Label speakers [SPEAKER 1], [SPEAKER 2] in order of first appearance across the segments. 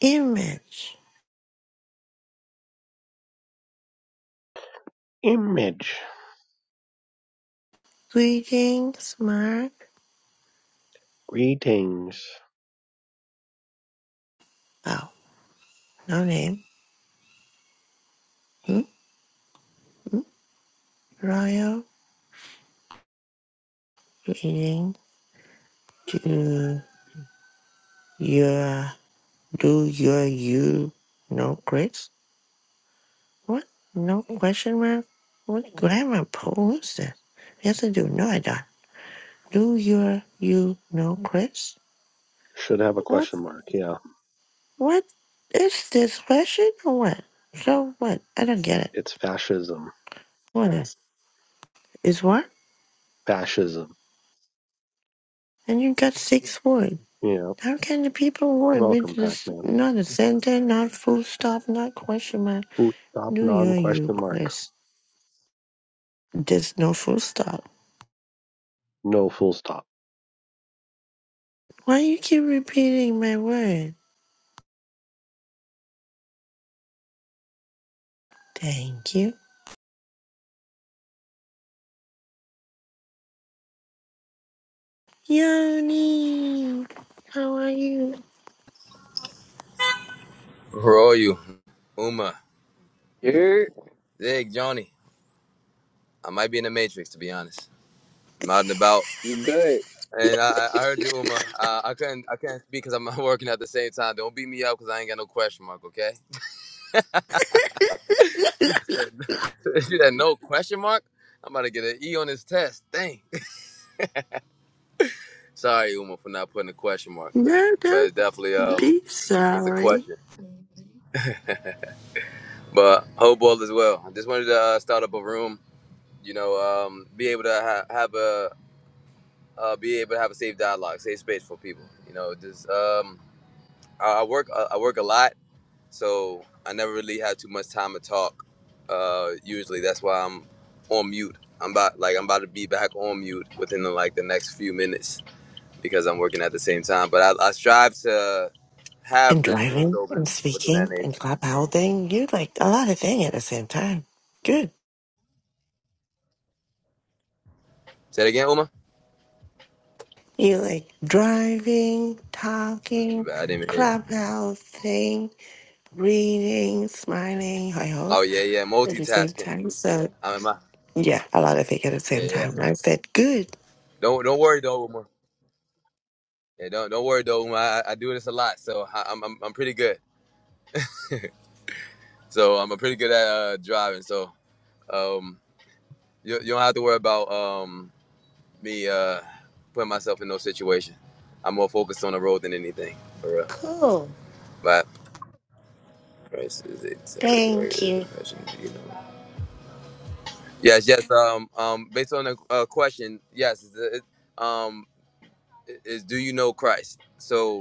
[SPEAKER 1] Image.
[SPEAKER 2] Image.
[SPEAKER 1] Greetings, Mark.
[SPEAKER 2] Greetings.
[SPEAKER 1] Oh, no name. Hmm? Royal. Greeting to your, do your you. No grades? What? No question mark? What grammar pose? that? Yes, I do. No, I don't. Do your you know Chris?
[SPEAKER 2] Should have a
[SPEAKER 1] What?
[SPEAKER 2] question mark. Yeah.
[SPEAKER 1] What? Is this question or what? So what? I don't get it.
[SPEAKER 2] It's fascism.
[SPEAKER 1] What is? Is what?
[SPEAKER 2] Fascism.
[SPEAKER 1] And you got six words.
[SPEAKER 2] Yeah.
[SPEAKER 1] How can the people who admit
[SPEAKER 2] Welcome, Pac
[SPEAKER 1] this
[SPEAKER 2] Man.
[SPEAKER 1] not a sentence, not full stop, not question mark?
[SPEAKER 2] Boot stop
[SPEAKER 1] Do
[SPEAKER 2] non
[SPEAKER 1] your you,
[SPEAKER 2] question mark.
[SPEAKER 1] Chris? There's no full stop.
[SPEAKER 2] No full stop.
[SPEAKER 1] Why you keep repeating my word? Thank you. Yoni, how are you?
[SPEAKER 3] Where are you? Uma.
[SPEAKER 4] You
[SPEAKER 3] Zig, Johnny. I might be in the Matrix, to be honest. I'm out and about.
[SPEAKER 4] you good?
[SPEAKER 3] And I, I I heard you, Uma. Uh, I couldn't, I can't speak because I'm working at the same time. Don't beat me up because I ain't got no question mark, okay? Said- you had no question mark? I'm about to get an E on this test. Dang. Sorry, Uma, for not putting a question mark,
[SPEAKER 1] No,
[SPEAKER 3] but
[SPEAKER 1] don't
[SPEAKER 3] it's definitely um,
[SPEAKER 1] be
[SPEAKER 3] it's a
[SPEAKER 1] sorry.
[SPEAKER 3] question. But hope all is well. I just wanted to uh, start up a room. You know, um, be able to ha- have a uh, be able to have a safe dialogue, safe space for people. You know, just um, I, I work I, I work a lot, so I never really have too much time to talk. Uh, usually, that's why I'm on mute. I'm about like I'm about to be back on mute within the, like the next few minutes because I'm working at the same time. But I, I strive to have
[SPEAKER 1] And
[SPEAKER 3] this rooms
[SPEAKER 1] driving and
[SPEAKER 3] open within that
[SPEAKER 1] speaking and
[SPEAKER 3] nature.
[SPEAKER 1] clap holding, you like a lot of things at the same time. Good.
[SPEAKER 3] Say it again, Uma.
[SPEAKER 1] You like driving, talking,
[SPEAKER 3] I didn't even hear. You.
[SPEAKER 1] club reading, smiling, I
[SPEAKER 3] Oh
[SPEAKER 1] hope,
[SPEAKER 3] yeah, yeah,
[SPEAKER 1] at the same
[SPEAKER 3] multitasking.
[SPEAKER 1] time. So,
[SPEAKER 3] I'm in my
[SPEAKER 1] yeah, a lot of it at the
[SPEAKER 3] yeah,
[SPEAKER 1] same
[SPEAKER 3] yeah.
[SPEAKER 1] time. And I said, good,
[SPEAKER 3] Don't don't worry though, Uma. Yeah, don't don't worry though. Uma. I, I do this a lot, so I, I'm, I'm I'm pretty good. So I'm pretty good at uh, driving. So um, you, you don't have to worry about um me uh putting myself in no situation. I'm more focused on the road than anything, for real.
[SPEAKER 1] cool,
[SPEAKER 3] But Christ is it category
[SPEAKER 1] thank
[SPEAKER 3] is a
[SPEAKER 1] you.
[SPEAKER 3] question, you know. Yes, yes. Um, um, based on the uh, question, yes. Is, it- um, is do you know Christ? So.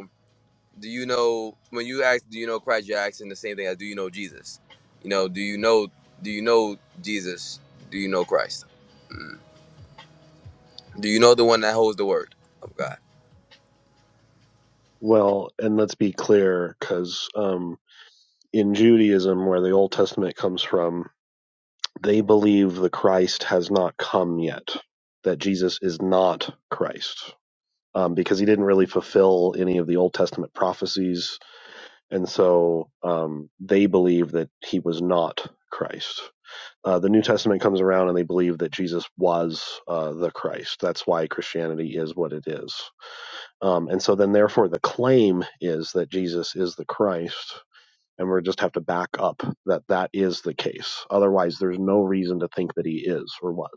[SPEAKER 3] do you know when you ask do you know Christ you're asking the same thing as do you know Jesus you know do you know do you know Jesus do you know Christ Mm. do you know the one that holds the word of God
[SPEAKER 2] Well, and let's be clear because um, in Judaism, where the Old Testament comes from, they believe the Christ has not come yet, that Jesus is not Christ. Um, because he didn't really fulfill any of the Old Testament prophecies And so um, they believe that he was not Christ. Uh, the New Testament comes around and they believe that Jesus was uh, the Christ. That's why Christianity is what it is. Um, and so then, therefore, the claim is that Jesus is the Christ. And we just have to back up that that is the case. Otherwise, there's no reason to think that he is or was.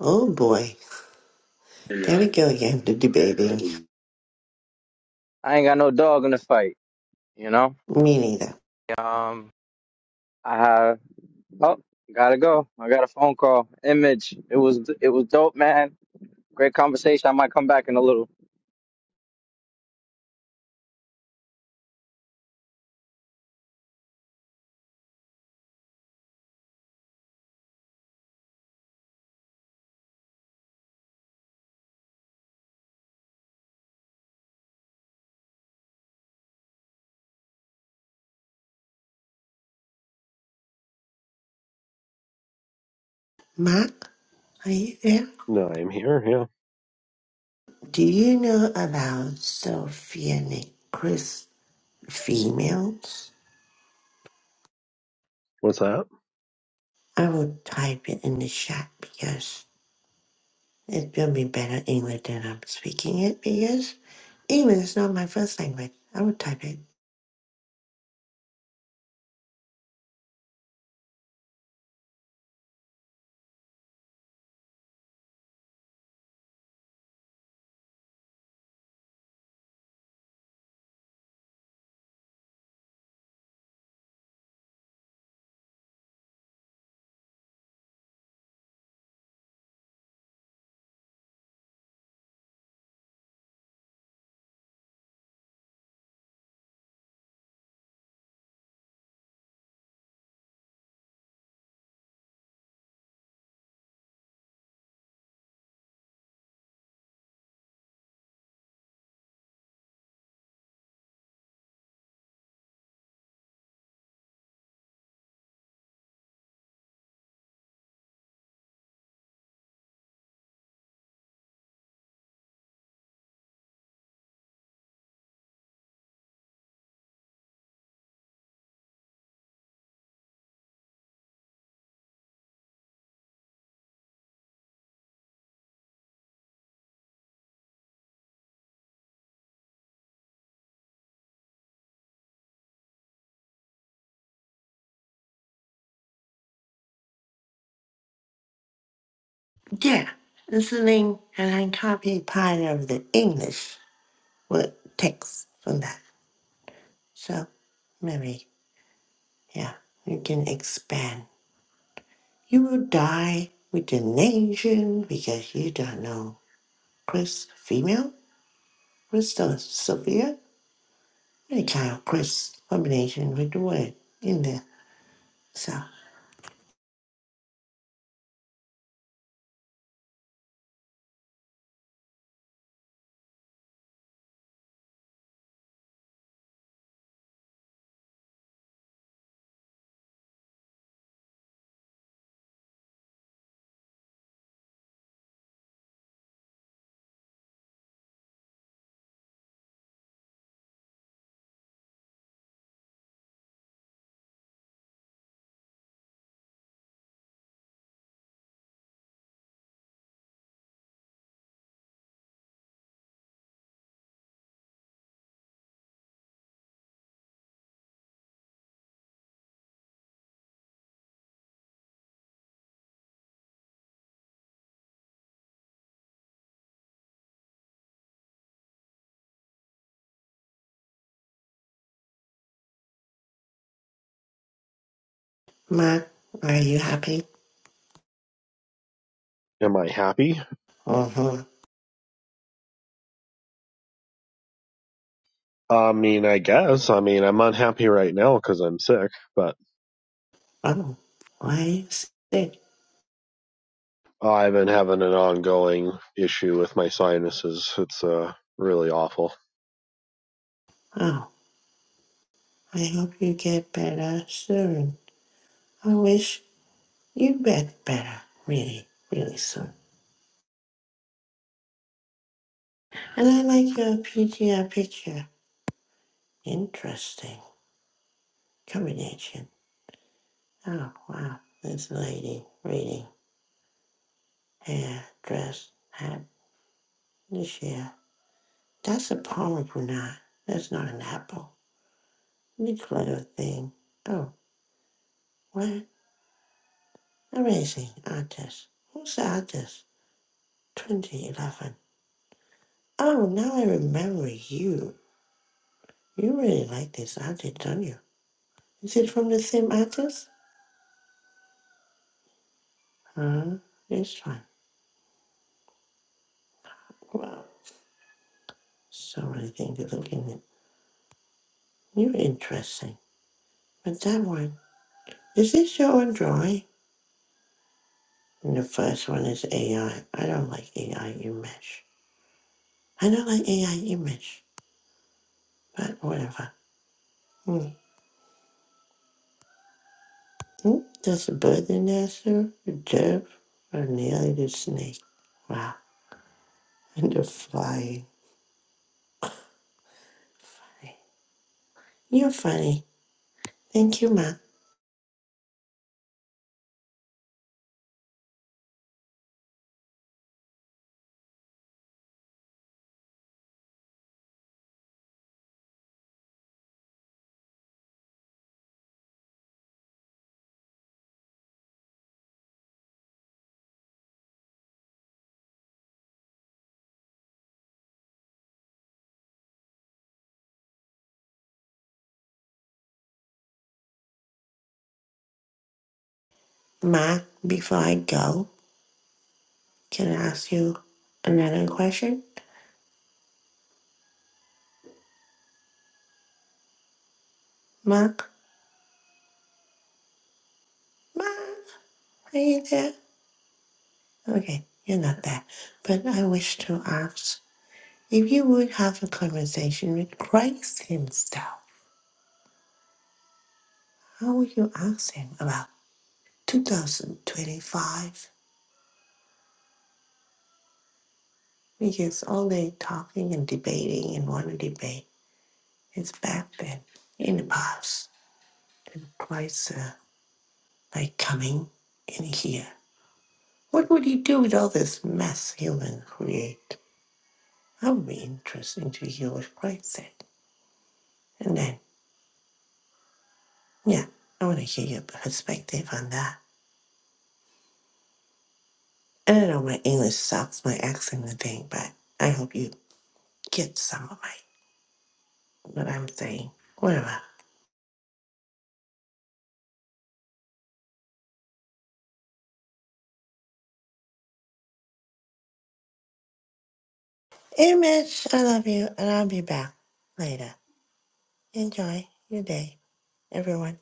[SPEAKER 1] Oh boy, there
[SPEAKER 3] Yeah,
[SPEAKER 1] we go again, the debating.
[SPEAKER 3] exactly.
[SPEAKER 4] I ain't got no dog in the fight, you know.
[SPEAKER 1] Me neither.
[SPEAKER 4] Um, I have. Oh, gotta go. I got a phone call. Image. It was it was dope, man. Great conversation. I might come back in a little.
[SPEAKER 1] Mark, are you there?
[SPEAKER 2] No, I'm here. Yeah.
[SPEAKER 1] Do you know about Sophianic Chris females?
[SPEAKER 2] What's that?
[SPEAKER 1] I will type it in the chat because it will be better English than I'm speaking it because English is not my first language. I will type it. Yeah, listening and I copy part of the English word text from that. So maybe, yeah, you can expand. You will die with the nation because you don't know Chris female, Chris or Sophia, any kind of Chris combination with the word in there. So, Mark, are you happy?
[SPEAKER 2] Am I happy?
[SPEAKER 1] Uh-huh.
[SPEAKER 2] I mean, I guess. I mean, I'm unhappy right now because I'm sick, but
[SPEAKER 1] Oh, why are you sick?
[SPEAKER 2] I've been having an ongoing issue with my sinuses. It's uh really awful.
[SPEAKER 1] Oh, I hope you get better soon. I wish You bet better, really, really soon. And I like your PTR picture. Interesting combination. Oh, wow. This lady reading, hair, dress, hat, this year. That's a pomegranate. That's not an apple. Neat little thing. Oh, what? Amazing artist. Who's the artist? 2011. Oh, now I remember you. You really like this artist, don't you? Is it from the same artist? Uh, this one. Wow. So many things to look in. You're interesting. But that one, is this your own drawing? And the first one is AI. I I don't like AI image. I don't like AI image. But whatever. Hmm. Hmm? There's a bird in there, sir. A dove. Or nearly the snake. Wow. And the flying. Funny. You're funny. Thank you, Ma. Ma, before I go, can I ask you another question? Ma? Ma, are you there? Okay, you're not there. But I wish to ask if you would have a conversation with Christ Himself, how would you ask Him about 2025? Because all they talking and debating and want to debate is back then in the past. And Christ, uh, like coming in here. What would He do with all this mess human create? That would be interesting to hear what Christ said. And then Yeah, I want to hear your perspective on that. And I know my English sucks, my accent and thing, but I hope you get some of my what I'm saying. Whatever. Image, I love you, and I'll be back later. Enjoy your day, everyone.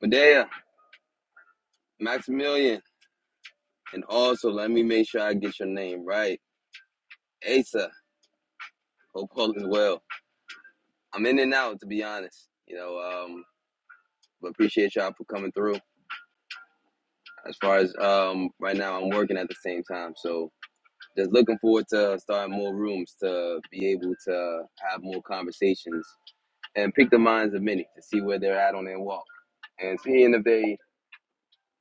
[SPEAKER 3] Medea, Maximilian, and also let me make sure I get your name right. Asa, hope all is well. I'm in and out to be honest. You know, um, but appreciate y'all for coming through. As far as um right now I'm working at the same time. So Just looking forward to starting more rooms to be able to have more conversations and pick the minds of many to see where they're at on their walk and seeing if they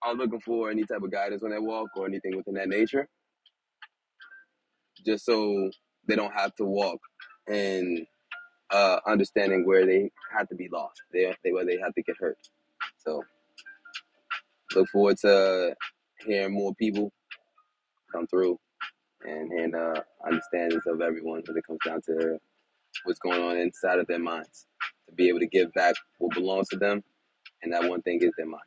[SPEAKER 3] are looking for any type of guidance on their walk or anything within that nature, just so they don't have to walk and uh, understanding where they have to be lost, they, they, where they have to get hurt. So look forward to hearing more people come through and and uh, understandings of everyone when it comes down to what's going on inside of their minds to be able to give back what belongs to them, and that one thing is their mind.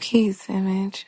[SPEAKER 5] Keith's image.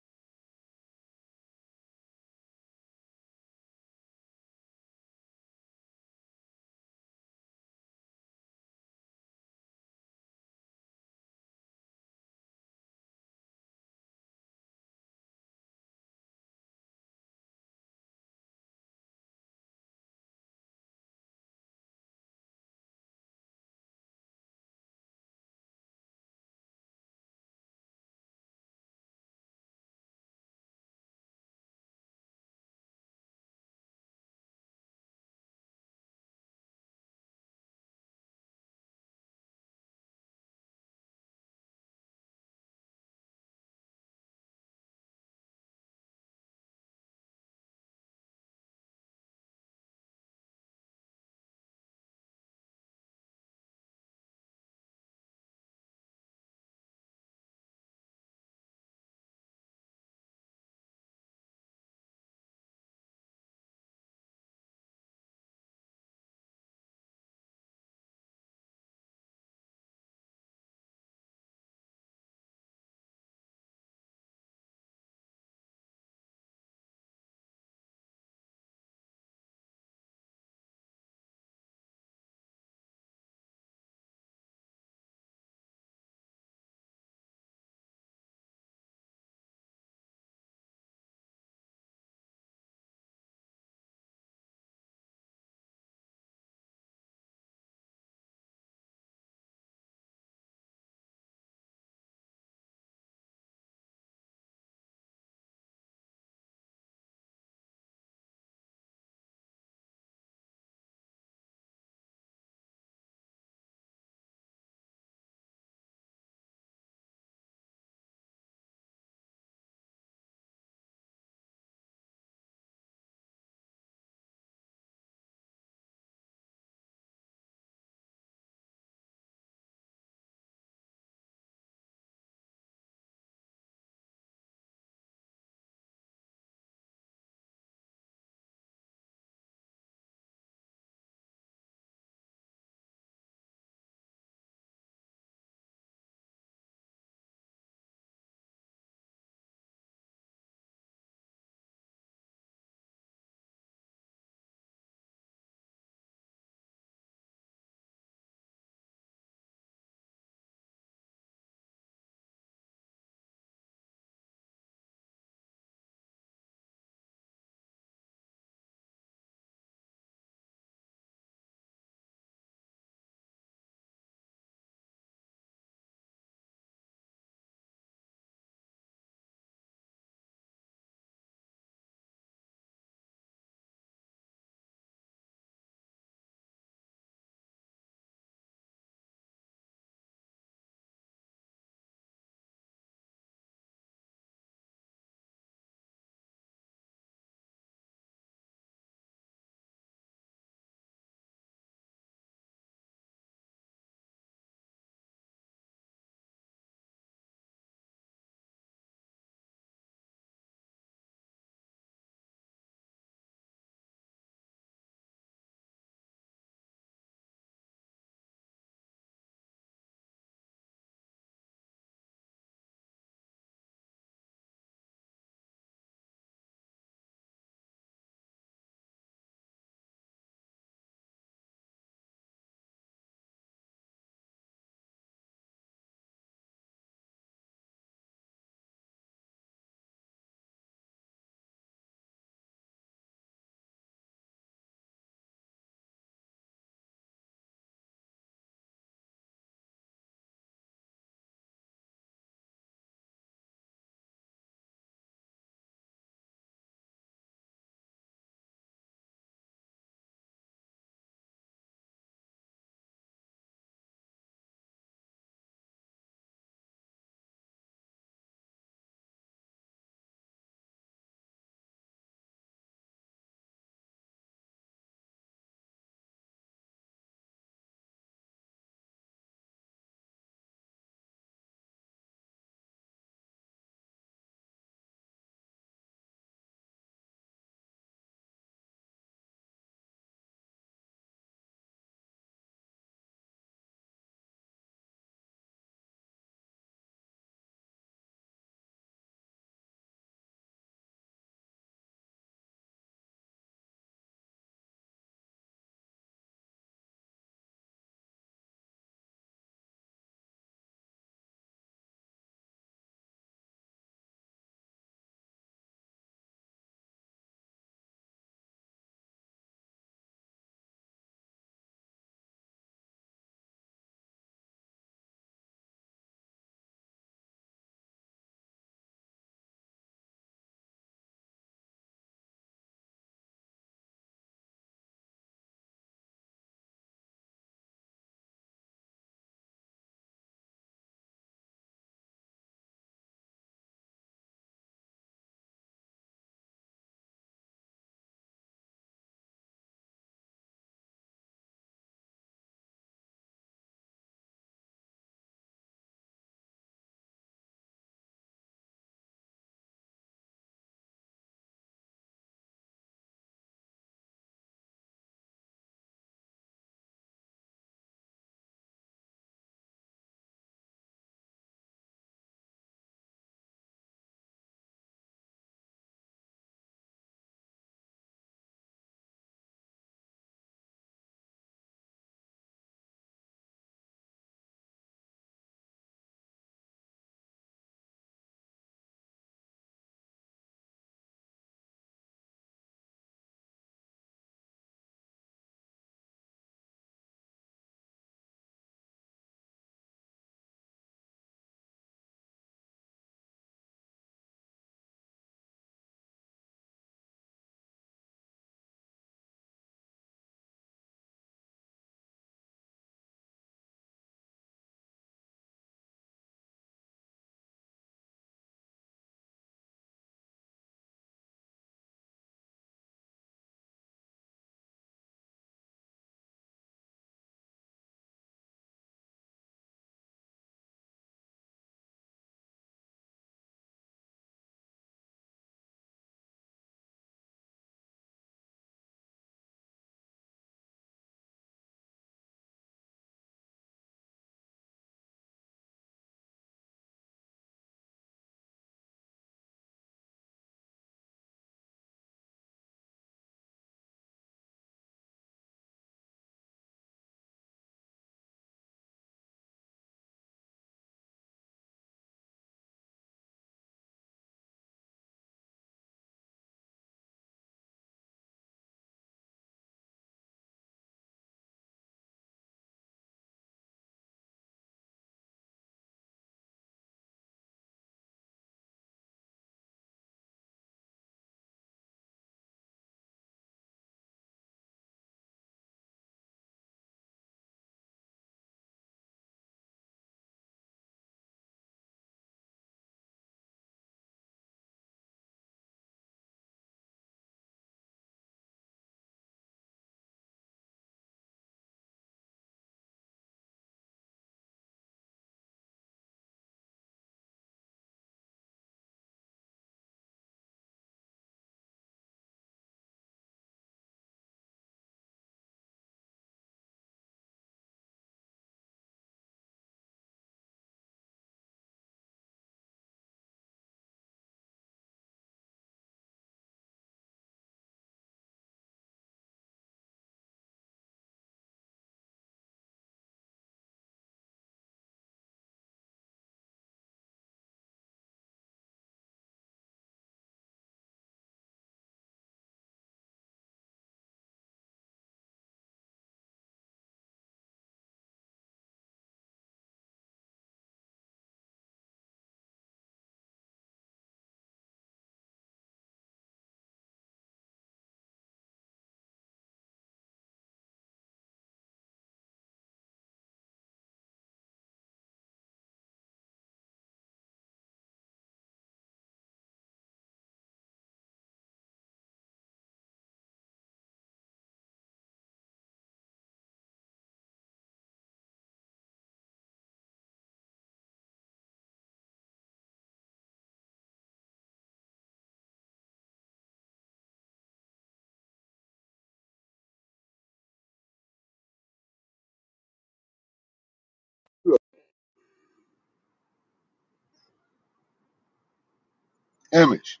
[SPEAKER 6] Image,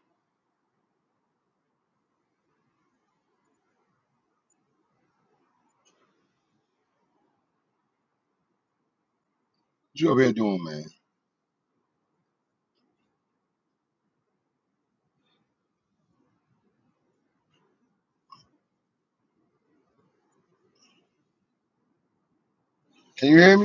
[SPEAKER 6] what you up here doing, man? Can you hear me?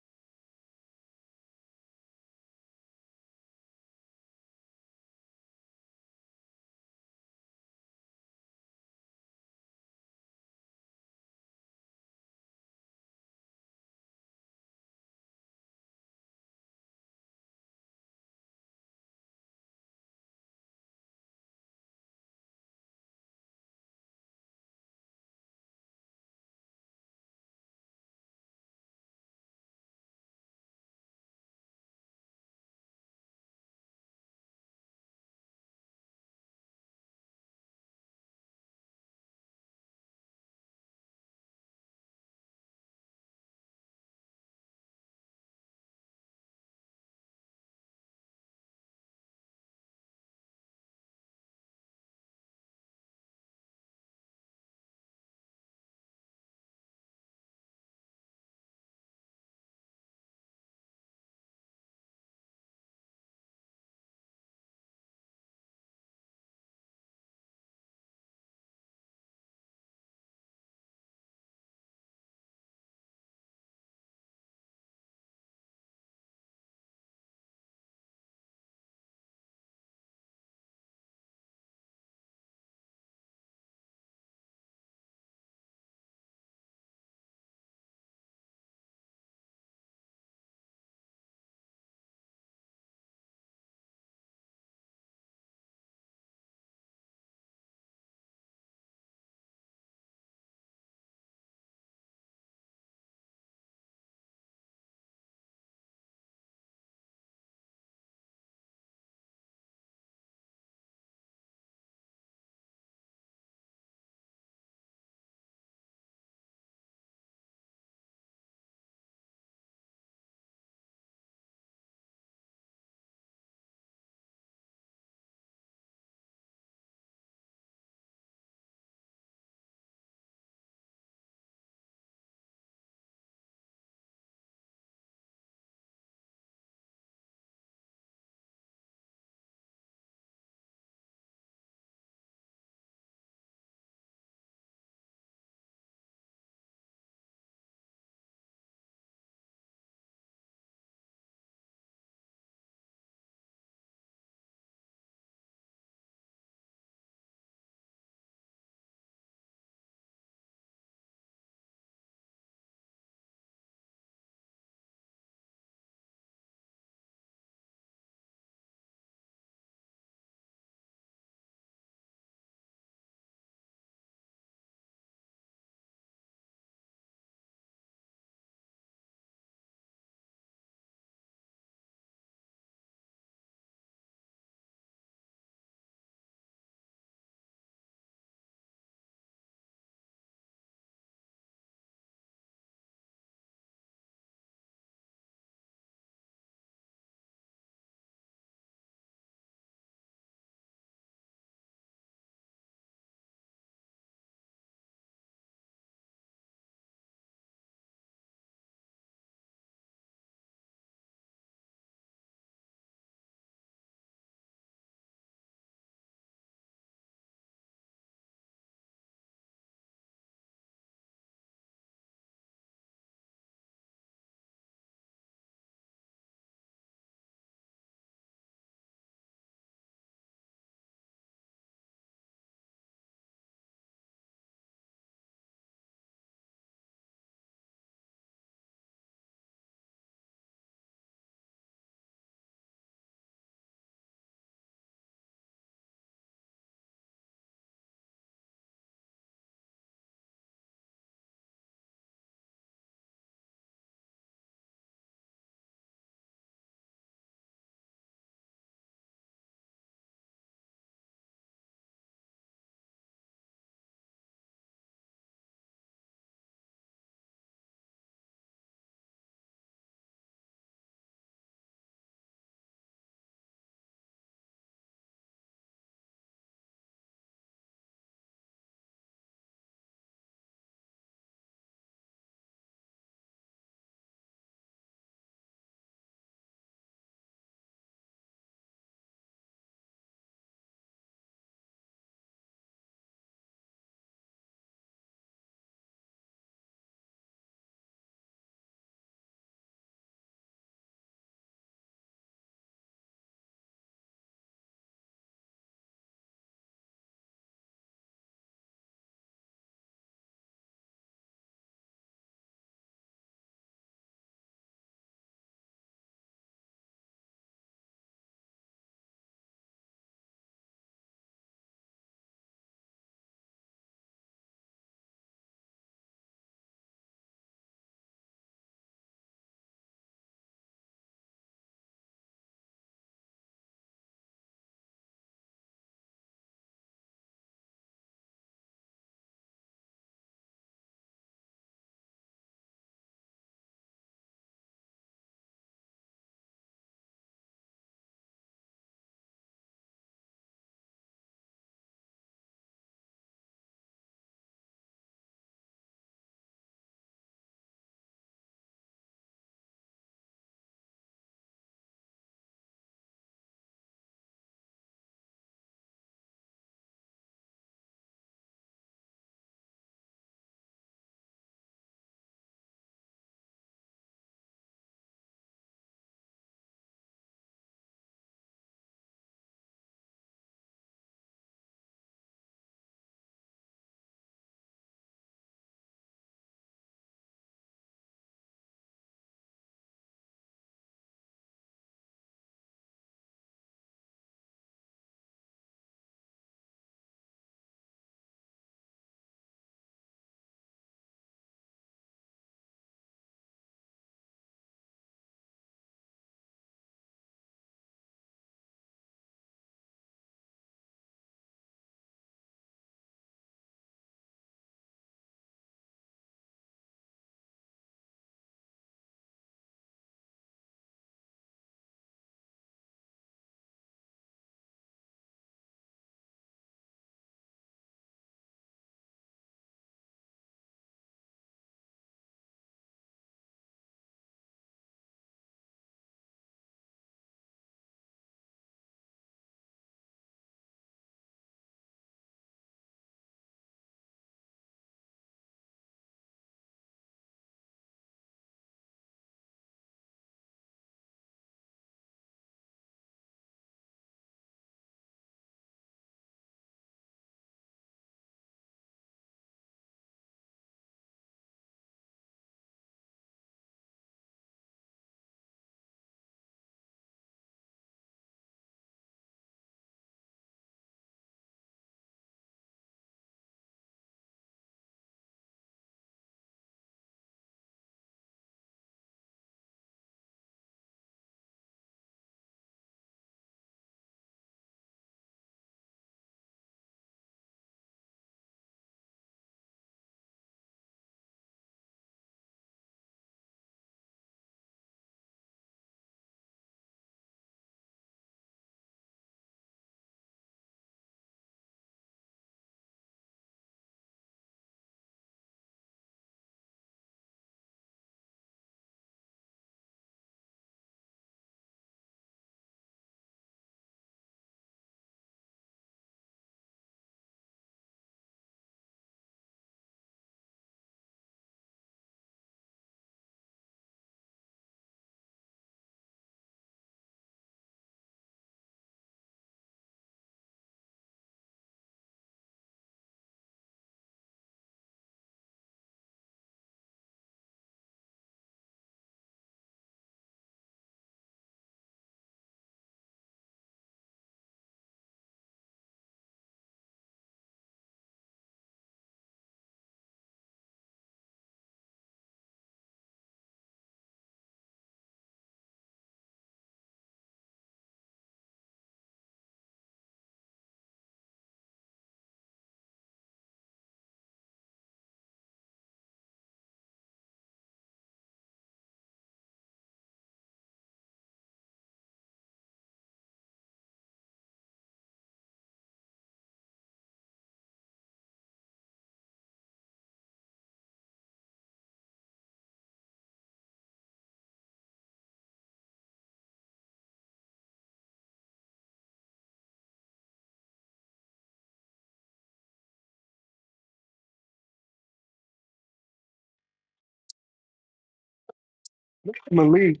[SPEAKER 7] Malik,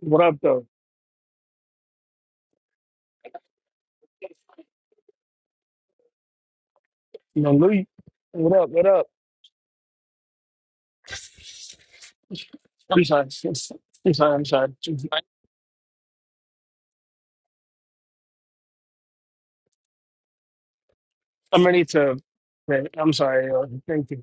[SPEAKER 7] what up, though? Malik, what up? What up? I'm sorry. I'm sorry. I'm sorry. I'm ready to. wait, I'm sorry. uh, Thank you.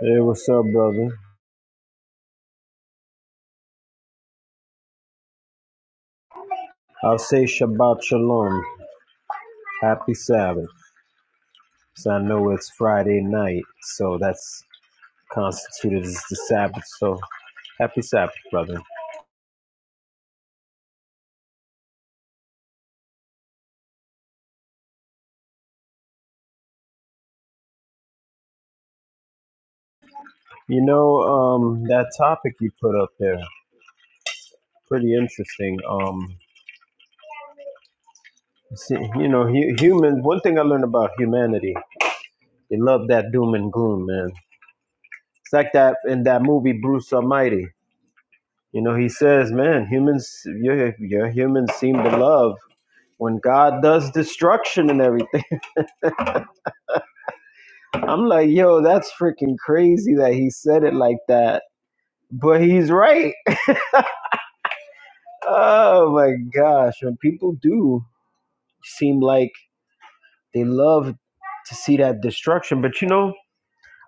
[SPEAKER 8] Hey, what's up, brother? I'll say Shabbat Shalom. Happy Sabbath. So I know it's Friday night, so that's constituted as the Sabbath. So happy Sabbath, brother. You know, um, that topic you put up there, pretty interesting. Um, see, you know, hu- human. One thing I learned about humanity, they love that doom and gloom, man. It's like that in that movie Bruce Almighty. You know, he says, "Man, humans, your your humans seem to love." when God does destruction and everything. I'm like, yo, that's freaking crazy that he said it like that. But he's right. Oh my gosh. And people do seem like they love to see that destruction. But you know,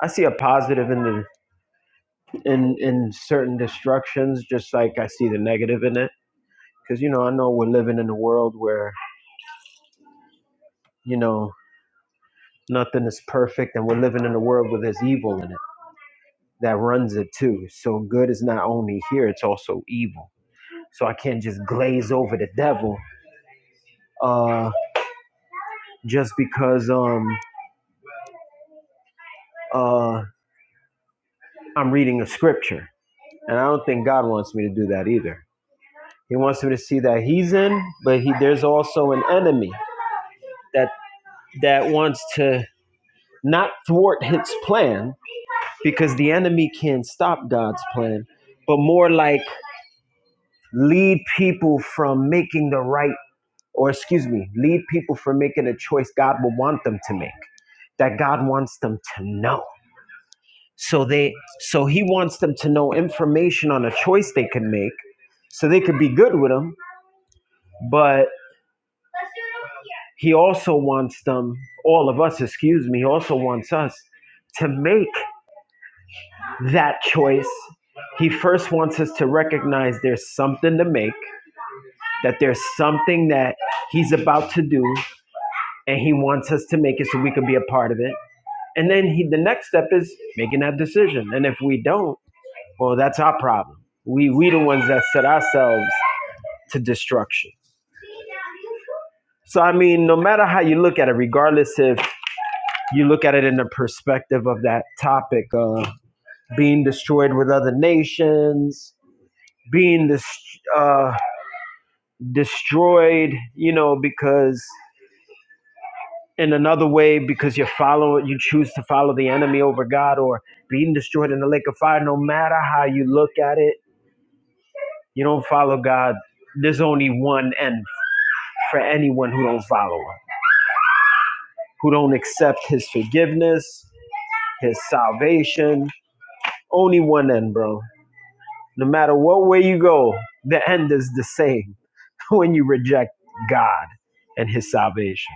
[SPEAKER 8] I see a positive in the in in certain destructions, just like I see the negative in it. Cause you know, I know we're living in a world where, you know, nothing is perfect and we're living in a world where there's evil in it that runs it too. So good is not only here, it's also evil. So I can't just glaze over the devil uh, just because um, uh, I'm reading a scripture. And I don't think God wants me to do that either. He wants me to see that he's in, but he, there's also an enemy that that wants to not thwart his plan because the enemy can't stop God's plan, but more like lead people from making the right or excuse me, lead people from making a choice God will want them to make, that God wants them to know. So they so he wants them to know information on a choice they can make so they could be good with him, but he also wants them, all of us, excuse me, he also wants us to make that choice. He first wants us to recognize there's something to make, that there's something that he's about to do, and he wants us to make it so we can be a part of it And then he, the next step is making that decision. And if we don't, well, that's our problem. We we the ones that set ourselves to destruction. So I mean, no matter how you look at it, regardless if you look at it in the perspective of that topic of being destroyed with other nations, being dis- uh, destroyed, you know, because in another way because you follow you choose to follow the enemy over God, or being destroyed in the lake of fire. No matter how you look at it You don't follow God. There's only one end for anyone who don't follow him, who don't accept his forgiveness, his salvation. Only one end, bro. No matter what way you go, the end is the same when you reject God and his salvation.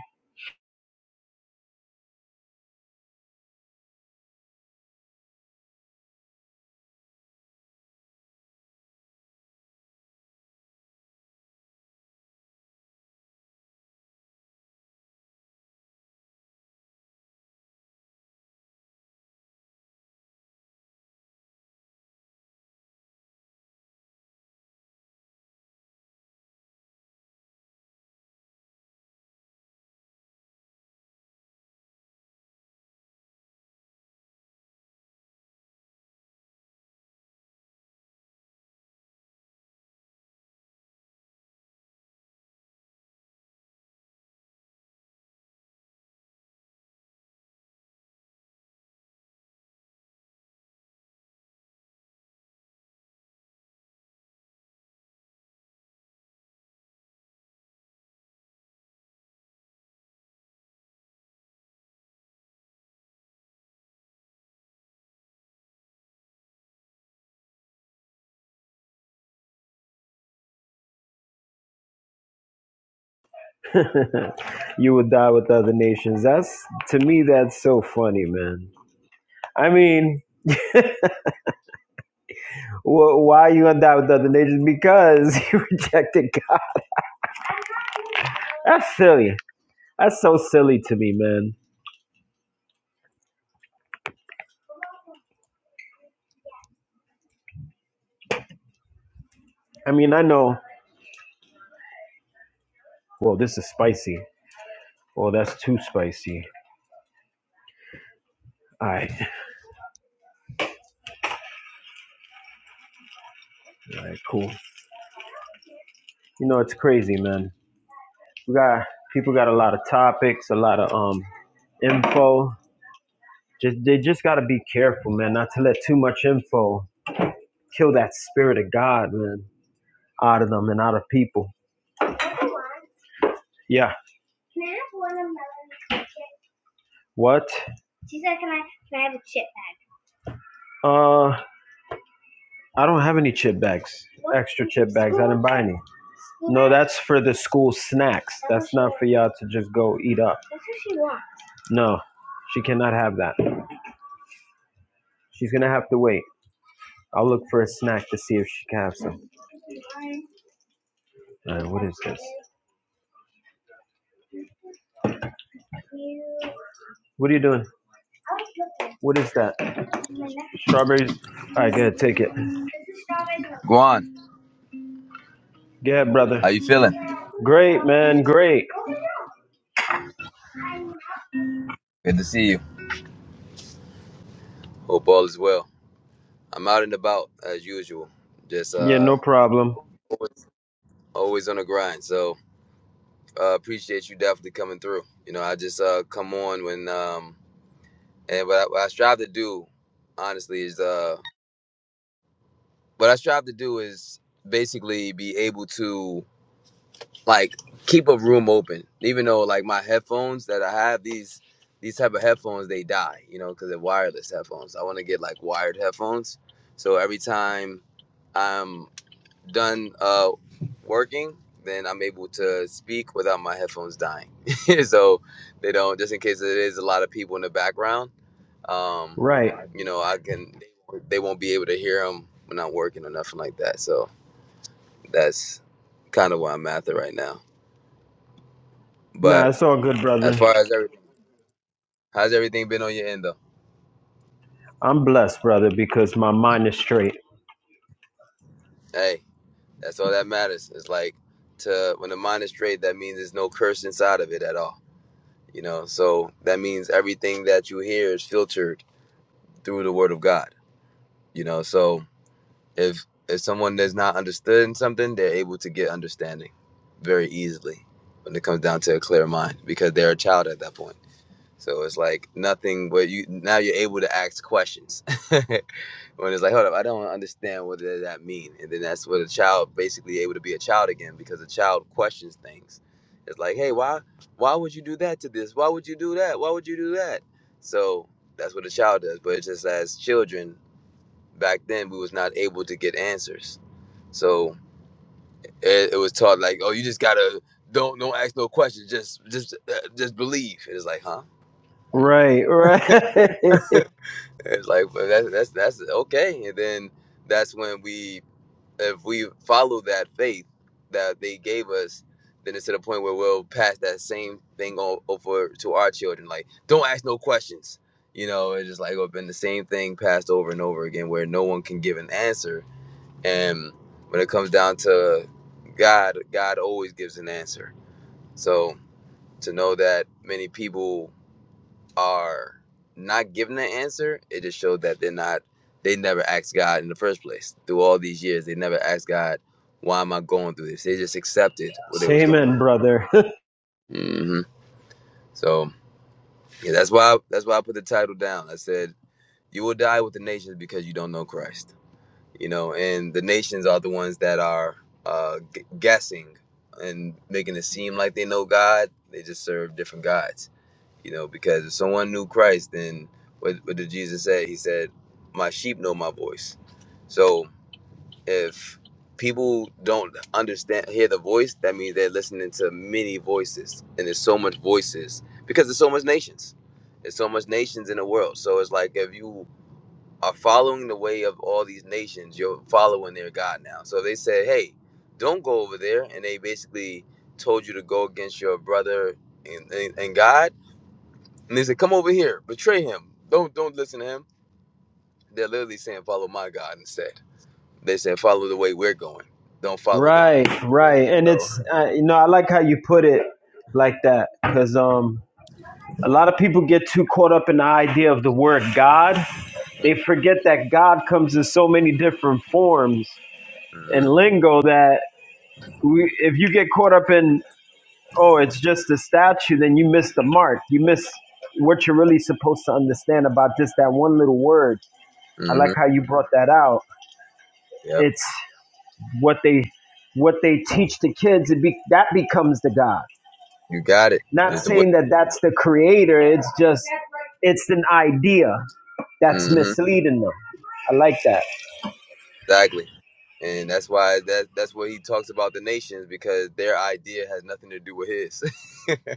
[SPEAKER 8] you will die with other nations. That's to me, that's so funny, man. I mean, wh- why are you gonna die with other nations? Because you rejected God. That's silly. That's so silly to me, man. I mean, I know. Well, this is spicy. Well, that's too spicy. All right, all right, cool. You know, it's crazy, man. We got people got a lot of topics, a lot of um info. Just they just got to be careful, man, not to let too much info kill that spirit of God, man, out of them and out of people. Yeah. What? Uh, I don't have any chip bags. Extra chip bags. I didn't buy any. No, that's for the school snacks. That's not for y'all to just go eat up. No, she cannot have that. She's gonna have to wait. I'll look for a snack to see if she can have some. All right, what is this? What are you doing? What is that? Strawberries. All right, good. Take it.
[SPEAKER 3] Guan,
[SPEAKER 8] Go ahead, brother.
[SPEAKER 3] how you feeling?
[SPEAKER 8] Great, man. Great.
[SPEAKER 3] Good to see you. Hope all is well. I'm out and about as usual, just
[SPEAKER 8] Yeah,
[SPEAKER 3] uh
[SPEAKER 8] no problem.
[SPEAKER 3] always, always on the grind. So uh, appreciate you definitely coming through. You know, I just uh come on when um and what I, what I strive to do, honestly, is uh what I strive to do is basically be able to like keep a room open even though like my headphones that i have these these type of headphones they die you know because they're wireless headphones i want to get like wired headphones so every time i'm done uh working then i'm able to speak without my headphones dying so they don't just in case there is a lot of people in the background um
[SPEAKER 8] Right.
[SPEAKER 3] you know i can they won't be able to hear them when i'm working or nothing like that so that's kind of where i'm at it right now but
[SPEAKER 8] Nah, it's all good,
[SPEAKER 3] As
[SPEAKER 8] brother.
[SPEAKER 3] far as everything, how's everything been on your end though?
[SPEAKER 8] I'm blessed, brother, because my mind is straight.
[SPEAKER 3] Hey, that's all that matters. It's like to when the mind is straight, that means there's no curse inside of it at all. You know, so that means everything that you hear is filtered through the Word of God. You know, so if if someone does not understood in something, they're able to get understanding very easily when it comes down to a clear mind because they're a child at that point. So it's like nothing, but you now you're able to ask questions. when it's like, hold up, I don't understand what does that mean, and then that's where the child basically able to be a child again because a child questions things. It's like, hey, why, why would you do that to this? Why would you do that? Why would you do that? So that's what a child does. But it's just as children back then, we was not able to get answers, so it, it was taught like, oh, you just gotta don't don't ask no questions, just just uh, just believe. It's like, huh? Hmm.
[SPEAKER 8] Right, right.
[SPEAKER 3] It's like, but that's that's that's okay, and then that's when we if we follow that faith that they gave us, then it's to the point where we'll pass that same thing over to our children. Like, don't ask no questions. You know, it's just like oh, been the same thing passed over and over again, where no one can give an answer. And when it comes down to God, God always gives an answer. So to know that many people are not giving an answer, it just shows that they're not they never asked God in the first place. Through all these years, they never asked God, why am I going through this? They just accepted what they was
[SPEAKER 8] Amen,
[SPEAKER 3] going
[SPEAKER 8] brother.
[SPEAKER 3] through. hmm So yeah, that's why I, that's why I put the title down. I said, You will die with the nations because you don't know Christ. You know, and the nations are the ones that are uh, g- guessing and making it seem like they know God. They just serve different gods You know, because if someone knew Christ, then what, what did Jesus say? He said, My sheep know my voice. So if people don't understand, hear the voice, that means they're listening to many voices. And there's so much voices because there's so much nations. There's so much nations in the world. So it's like if you are following the way of all these nations, you're following their God now. So they said, Hey, don't go over there. And they basically told you to go against your brother and, and, and God and they said, "Come over here, betray him. Don't don't listen to him." They're literally saying, "Follow my God" instead. They said, "Follow the way we're going. Don't follow them."
[SPEAKER 8] right,
[SPEAKER 3] Yeah.
[SPEAKER 8] right. And
[SPEAKER 3] So.
[SPEAKER 8] it's uh, you know I like how you put it like that because um A lot of people get too caught up in the idea of the word God. They forget that God comes in so many different forms
[SPEAKER 3] Mm-hmm.
[SPEAKER 8] and lingo that we, if you get caught up in, oh, it's just a statue, then you miss the mark. You miss what you're really supposed to understand about just that one little word. I like
[SPEAKER 3] mm-hmm.
[SPEAKER 8] how you brought that out.
[SPEAKER 3] Yep.
[SPEAKER 8] It's what they what they teach the kids. It be, that becomes the God.
[SPEAKER 3] You got it.
[SPEAKER 8] Not
[SPEAKER 3] It's the way.
[SPEAKER 8] saying that that's the creator. It's just it's an idea that's
[SPEAKER 3] Mm-hmm.
[SPEAKER 8] misleading them. I like that.
[SPEAKER 3] Exactly. And that's why that that's what he talks about the nations because their idea has nothing to do with his.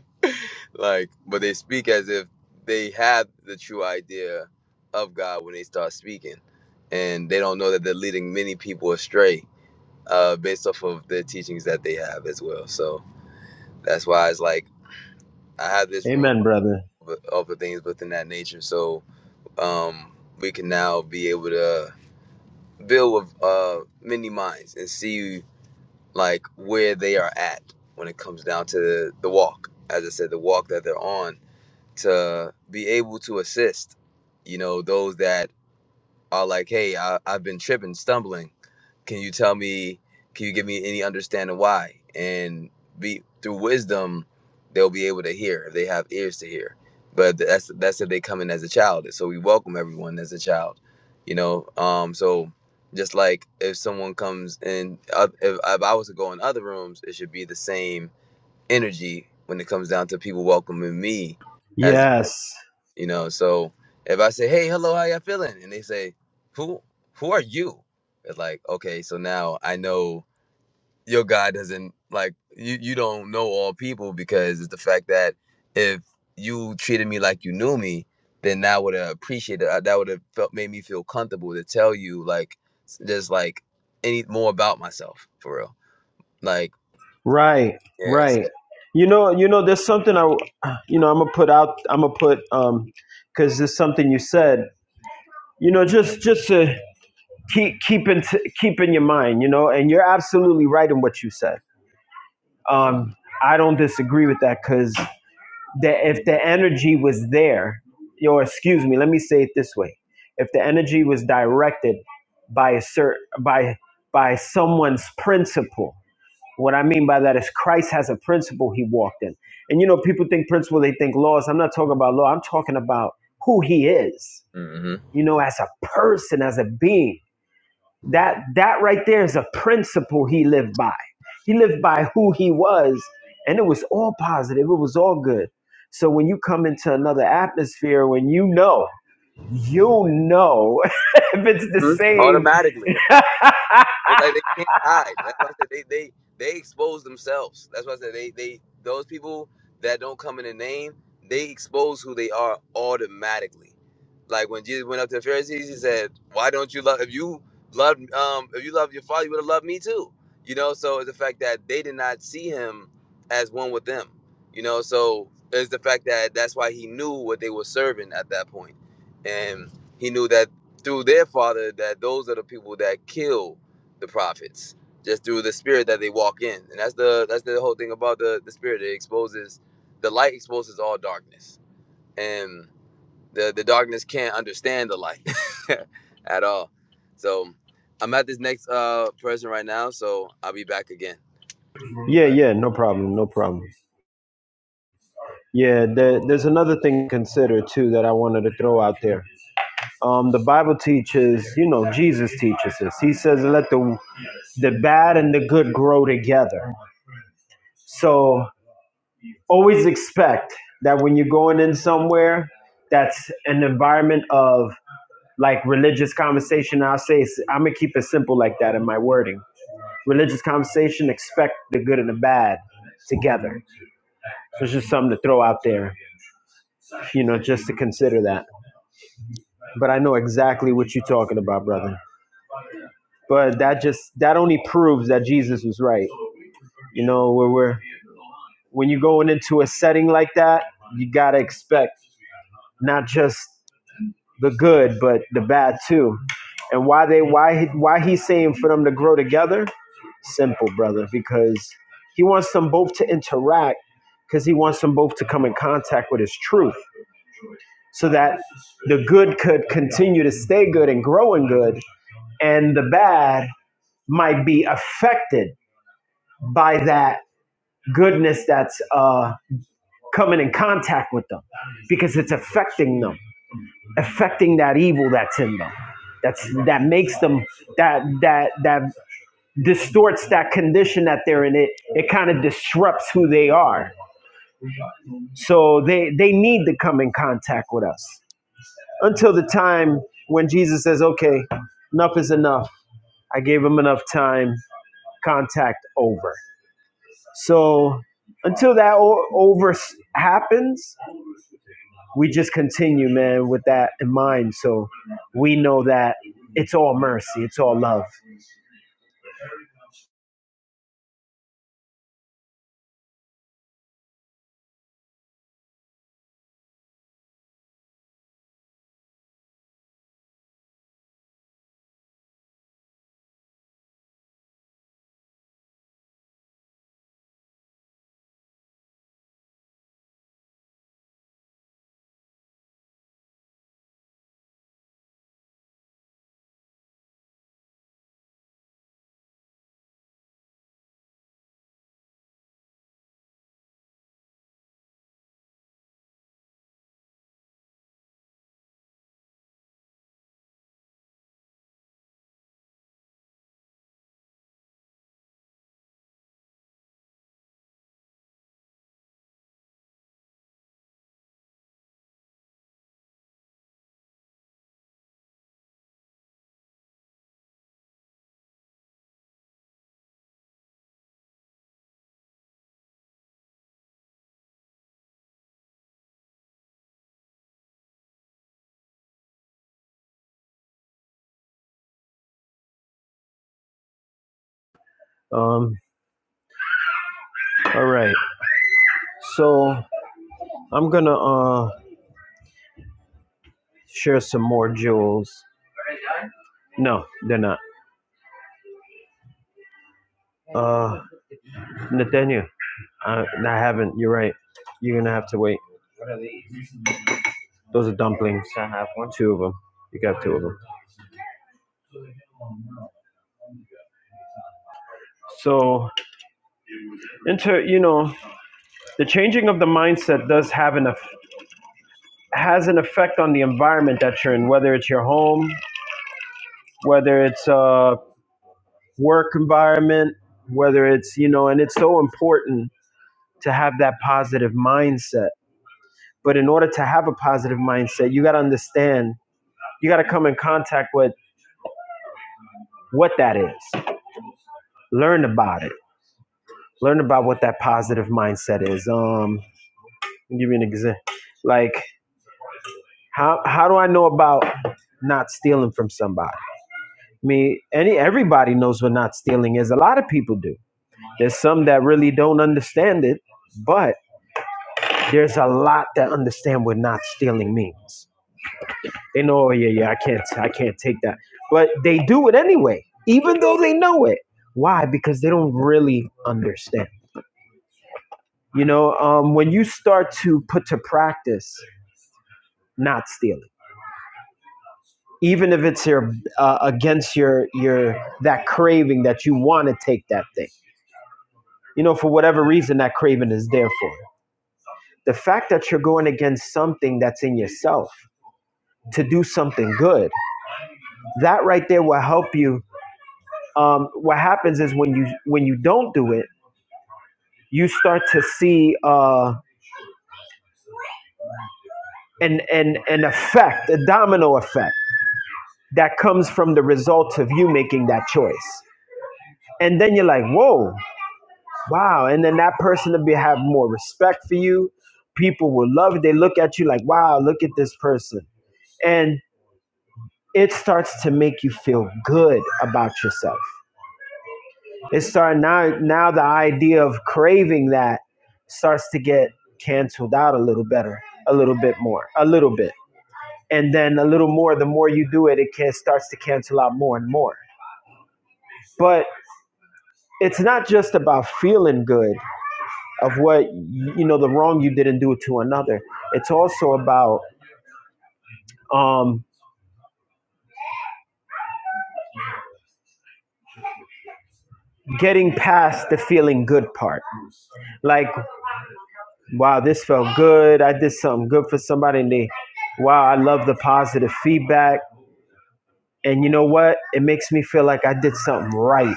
[SPEAKER 3] like, but they speak as if they have the true idea of God when they start speaking, and they don't know that they're leading many people astray uh, based off of the teachings that they have as well. So that's why it's like I have this room
[SPEAKER 8] Amen, brother.
[SPEAKER 3] of, of things within that nature. So um, we can now be able to build with uh, many minds and see like where they are at when it comes down to the walk. As I said, the walk that they're on to be able to assist, you know, those that are like, hey, I, I've been tripping, stumbling. Can you tell me, can you give me any understanding why? And be through wisdom, they'll be able to hear if they have ears to hear. But that's that's if they come in as a child. So we welcome everyone as a child, you know. Um, so just like if someone comes in, uh, if, if I was to go in other rooms, it should be the same energy when it comes down to people welcoming me as.
[SPEAKER 8] Yes.
[SPEAKER 3] You know, so if I say, "Hey, hello, how y'all feeling?" and they say, "Who, who are you?" It's like, okay, so now I know your God doesn't like you. You don't know all people because it's the fact that if you treated me like you knew me, then that would have appreciated. uh, That would have felt made me feel comfortable to tell you like s- just like any more about myself for real. Like,
[SPEAKER 8] Right.
[SPEAKER 3] yes,
[SPEAKER 8] Right.
[SPEAKER 3] yeah,
[SPEAKER 8] You know, you know, there's something I, you know, I'm gonna put out. I'm gonna put, um, because there's something you said. You know, just just to keep keep in keep in your mind. You know, and you're absolutely right in what you said.
[SPEAKER 3] so,
[SPEAKER 8] Um,
[SPEAKER 3] mm,
[SPEAKER 8] I don't disagree with that because that if the energy was there, or excuse me, let me say it this way: if the energy was directed by a cert by by someone's principle, what I mean by that is Christ has a principle he walked in, and you know people think principle, they think laws. I'm not talking about law. I'm talking about who he is.
[SPEAKER 3] mhm.
[SPEAKER 8] You know, as a person, as a being that that right there is a principle he lived by. He lived by who he was, and it was all positive. It was all good. So when you come into another atmosphere, when you know, you know, if it's the
[SPEAKER 3] Mhm.
[SPEAKER 8] same.
[SPEAKER 3] automatically. It's like they can't hide. That's why I said they they they expose themselves. That's why I said they they those people that don't come in the name, they expose who they are automatically. Like when Jesus went up to the Pharisees, he said, "Why don't you love? If you love, um, if you love your father, you would have loved me too." You know, so it's the fact that they did not see him as one with them. You know, so it's the fact that that's why he knew what they were serving at that point, and he knew that through their father that those are the people that kill the prophets just through the spirit that they walk in and that's the that's the whole thing about the the spirit it exposes the light exposes all darkness and the the darkness can't understand the light at all so i'm at this next uh person right now so i'll be back again
[SPEAKER 8] yeah,
[SPEAKER 3] But.
[SPEAKER 8] yeah, no problem, no problem. Yeah, there, there's another thing to consider too that I wanted to throw out there. Um, the Bible teaches, you know, Jesus teaches this. He says, "Let the the bad and the good grow together." So always expect that when you're going in somewhere that's an environment of like religious conversation i'll say i'm gonna keep it simple like that in my wording religious conversation expect the good and the bad together so it's just something to throw out there you know just to consider that but i know exactly what you're talking about brother but that just that only proves that jesus was right you know where we're when you're going into a setting like that you gotta expect not just the good, but the bad too. And why they why why he's saying for them to grow together? Simple, brother, because he wants them both to interact because he wants them both to come in contact with his truth so that the good could continue to stay good and grow in good and the bad might be affected by that goodness that's uh, coming in contact with them because it's affecting them affecting that evil that's in them that's that makes them that that that distorts that condition that they're in it it kind of disrupts who they are so they they need to come in contact with us until the time when jesus says okay enough is enough i gave them enough time contact over so until that o- over happens we just continue, man, with that in mind. So we know that it's all mercy, it's all love. Um, all right. So I'm gonna uh share some more jewels. No, they're not. Uh, Nathaniel, I, I haven't. You're right. You're gonna have to wait. Those are dumplings. I have one. Two of them. You got two of them. So, inter, you know, the changing of the mindset does have an has an effect on the environment that you're in, whether it's your home, whether it's uh, work environment, whether it's, you know, and it's so important to have that positive mindset. But in order to have a positive mindset, you got to understand, you got to come in contact with what that is. Learn about it. Learn about what that positive mindset is. Um, I'll give you an example. Like, how, how do I know about not stealing from somebody? I mean, any everybody knows what not stealing is. A lot of people do. There's some that really don't understand it, but There's a lot that understand what not stealing means. They know, oh yeah, yeah, I can't, I can't take that, but they do it anyway, even though they know it. Why? Because they don't really understand. You know, um, when you start to put to practice not stealing, even if it's your uh, against your your that craving that you want to take that thing, you know, for whatever reason that craving is there for. The fact that you're going against something that's in yourself to do something good that right there will help you um, what happens is when you when you don't do it you start to see uh, an, an, an effect a domino effect that comes from the result of you making that choice and then you're like whoa wow and then that person will be have more respect for you people will love it they look at you like wow look at this person and it starts to make you feel good about yourself It started now. Now the idea of craving that starts to get canceled out a little better, a little bit more, a little bit, and then a little more. The more you do it, it can, starts to cancel out more and more. But it's not just about feeling good of what you know the wrong you didn't do to another. It's also about um, getting past the feeling good part like wow this felt good i did something good for somebody and they wow i love the positive feedback and you know what it makes me feel like i did something right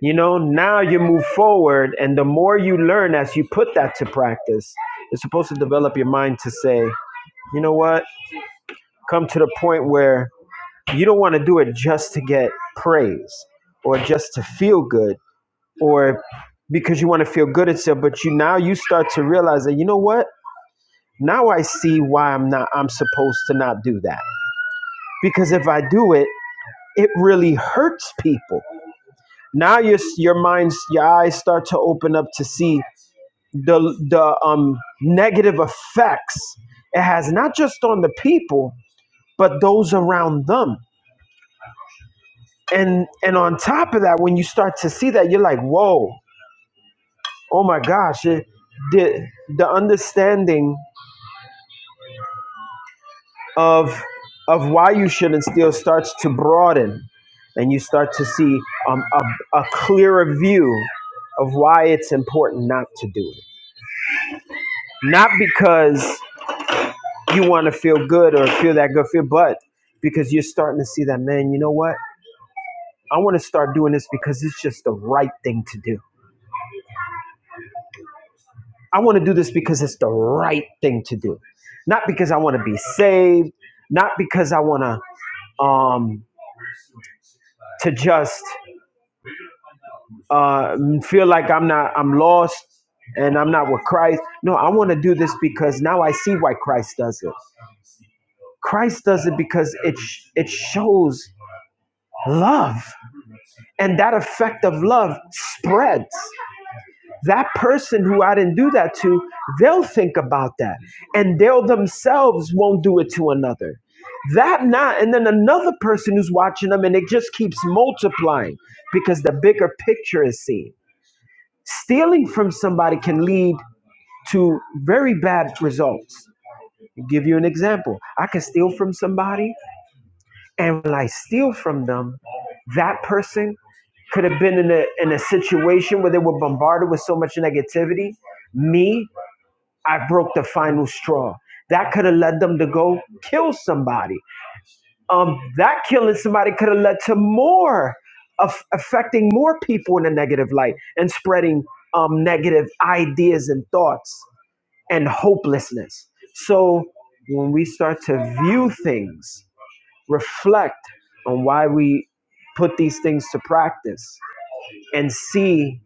[SPEAKER 8] you know now you move forward and the more you learn as you put that to practice it's supposed to develop your mind to say you know what come to the point where you don't want to do it just to get praise or just to feel good or because you want to feel good itself but you now you start to realize that you know what now i see why i'm not i'm supposed to not do that because if i do it it really hurts people now your your minds your eyes start to open up to see the the um negative effects it has not just on the people but those around them and and on top of that when you start to see that you're like whoa oh my gosh it, the the understanding of of why you shouldn't steal starts to broaden and you start to see um, a, a clearer view of why it's important not to do it not because you want to feel good or feel that good feel, but because you're starting to see that, man, you know what? I want to start doing this because it's just the right thing to do. I want to do this because it's the right thing to do, not because I want to be saved, not because I want to um, to just uh, feel like I'm not I'm lost and I'm not with Christ. No, I want to do this because now I see why Christ does it. Christ does it because it sh- it shows love. and that effect of love spreads. That person who I didn't do that to, they'll think about that and they'll themselves won't do it to another. That not, and then another person who's watching them, and it just keeps multiplying because the bigger picture is seen. Stealing from somebody can lead to very bad results. I'll give you an example. I can steal from somebody And will I steal from them? That person could have been in a in a situation where they were bombarded with so much negativity. Me, I broke the final straw. That could have led them to go kill somebody. Um, that killing somebody could have led to more of affecting more people in a negative light and spreading um, negative ideas and thoughts and hopelessness. So when we start to view things reflect on why we put these things to practice and see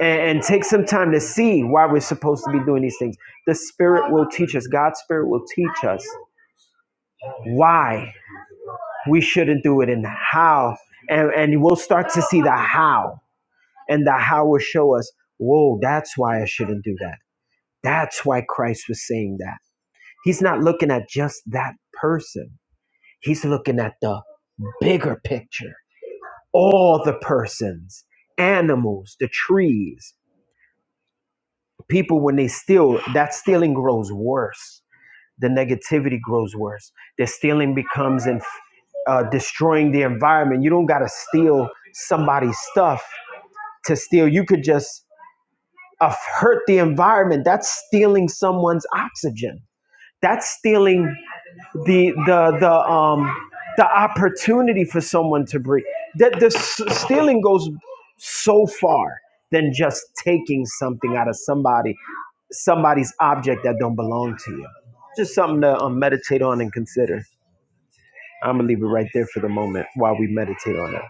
[SPEAKER 8] and, and take some time to see why we're supposed to be doing these things. The Spirit will teach us, God's Spirit will teach us why we shouldn't do it and how. And, and we'll start to see the how, and the how will show us, whoa, that's why I shouldn't do that. That's why Christ was saying that. He's not looking at just that person, he's looking at the bigger picture all the persons, animals, the trees, people when they steal, that stealing grows worse. The negativity grows worse. The stealing becomes and uh, destroying the environment. You don't got to steal somebody's stuff to steal. You could just uh, hurt the environment. That's stealing someone's oxygen. That's stealing the the the um the opportunity for someone to breathe that the s- stealing goes so far than just taking something out of somebody somebody's object that don't belong to you just something to um, meditate on and consider i'm gonna leave it right there for the moment while we meditate on it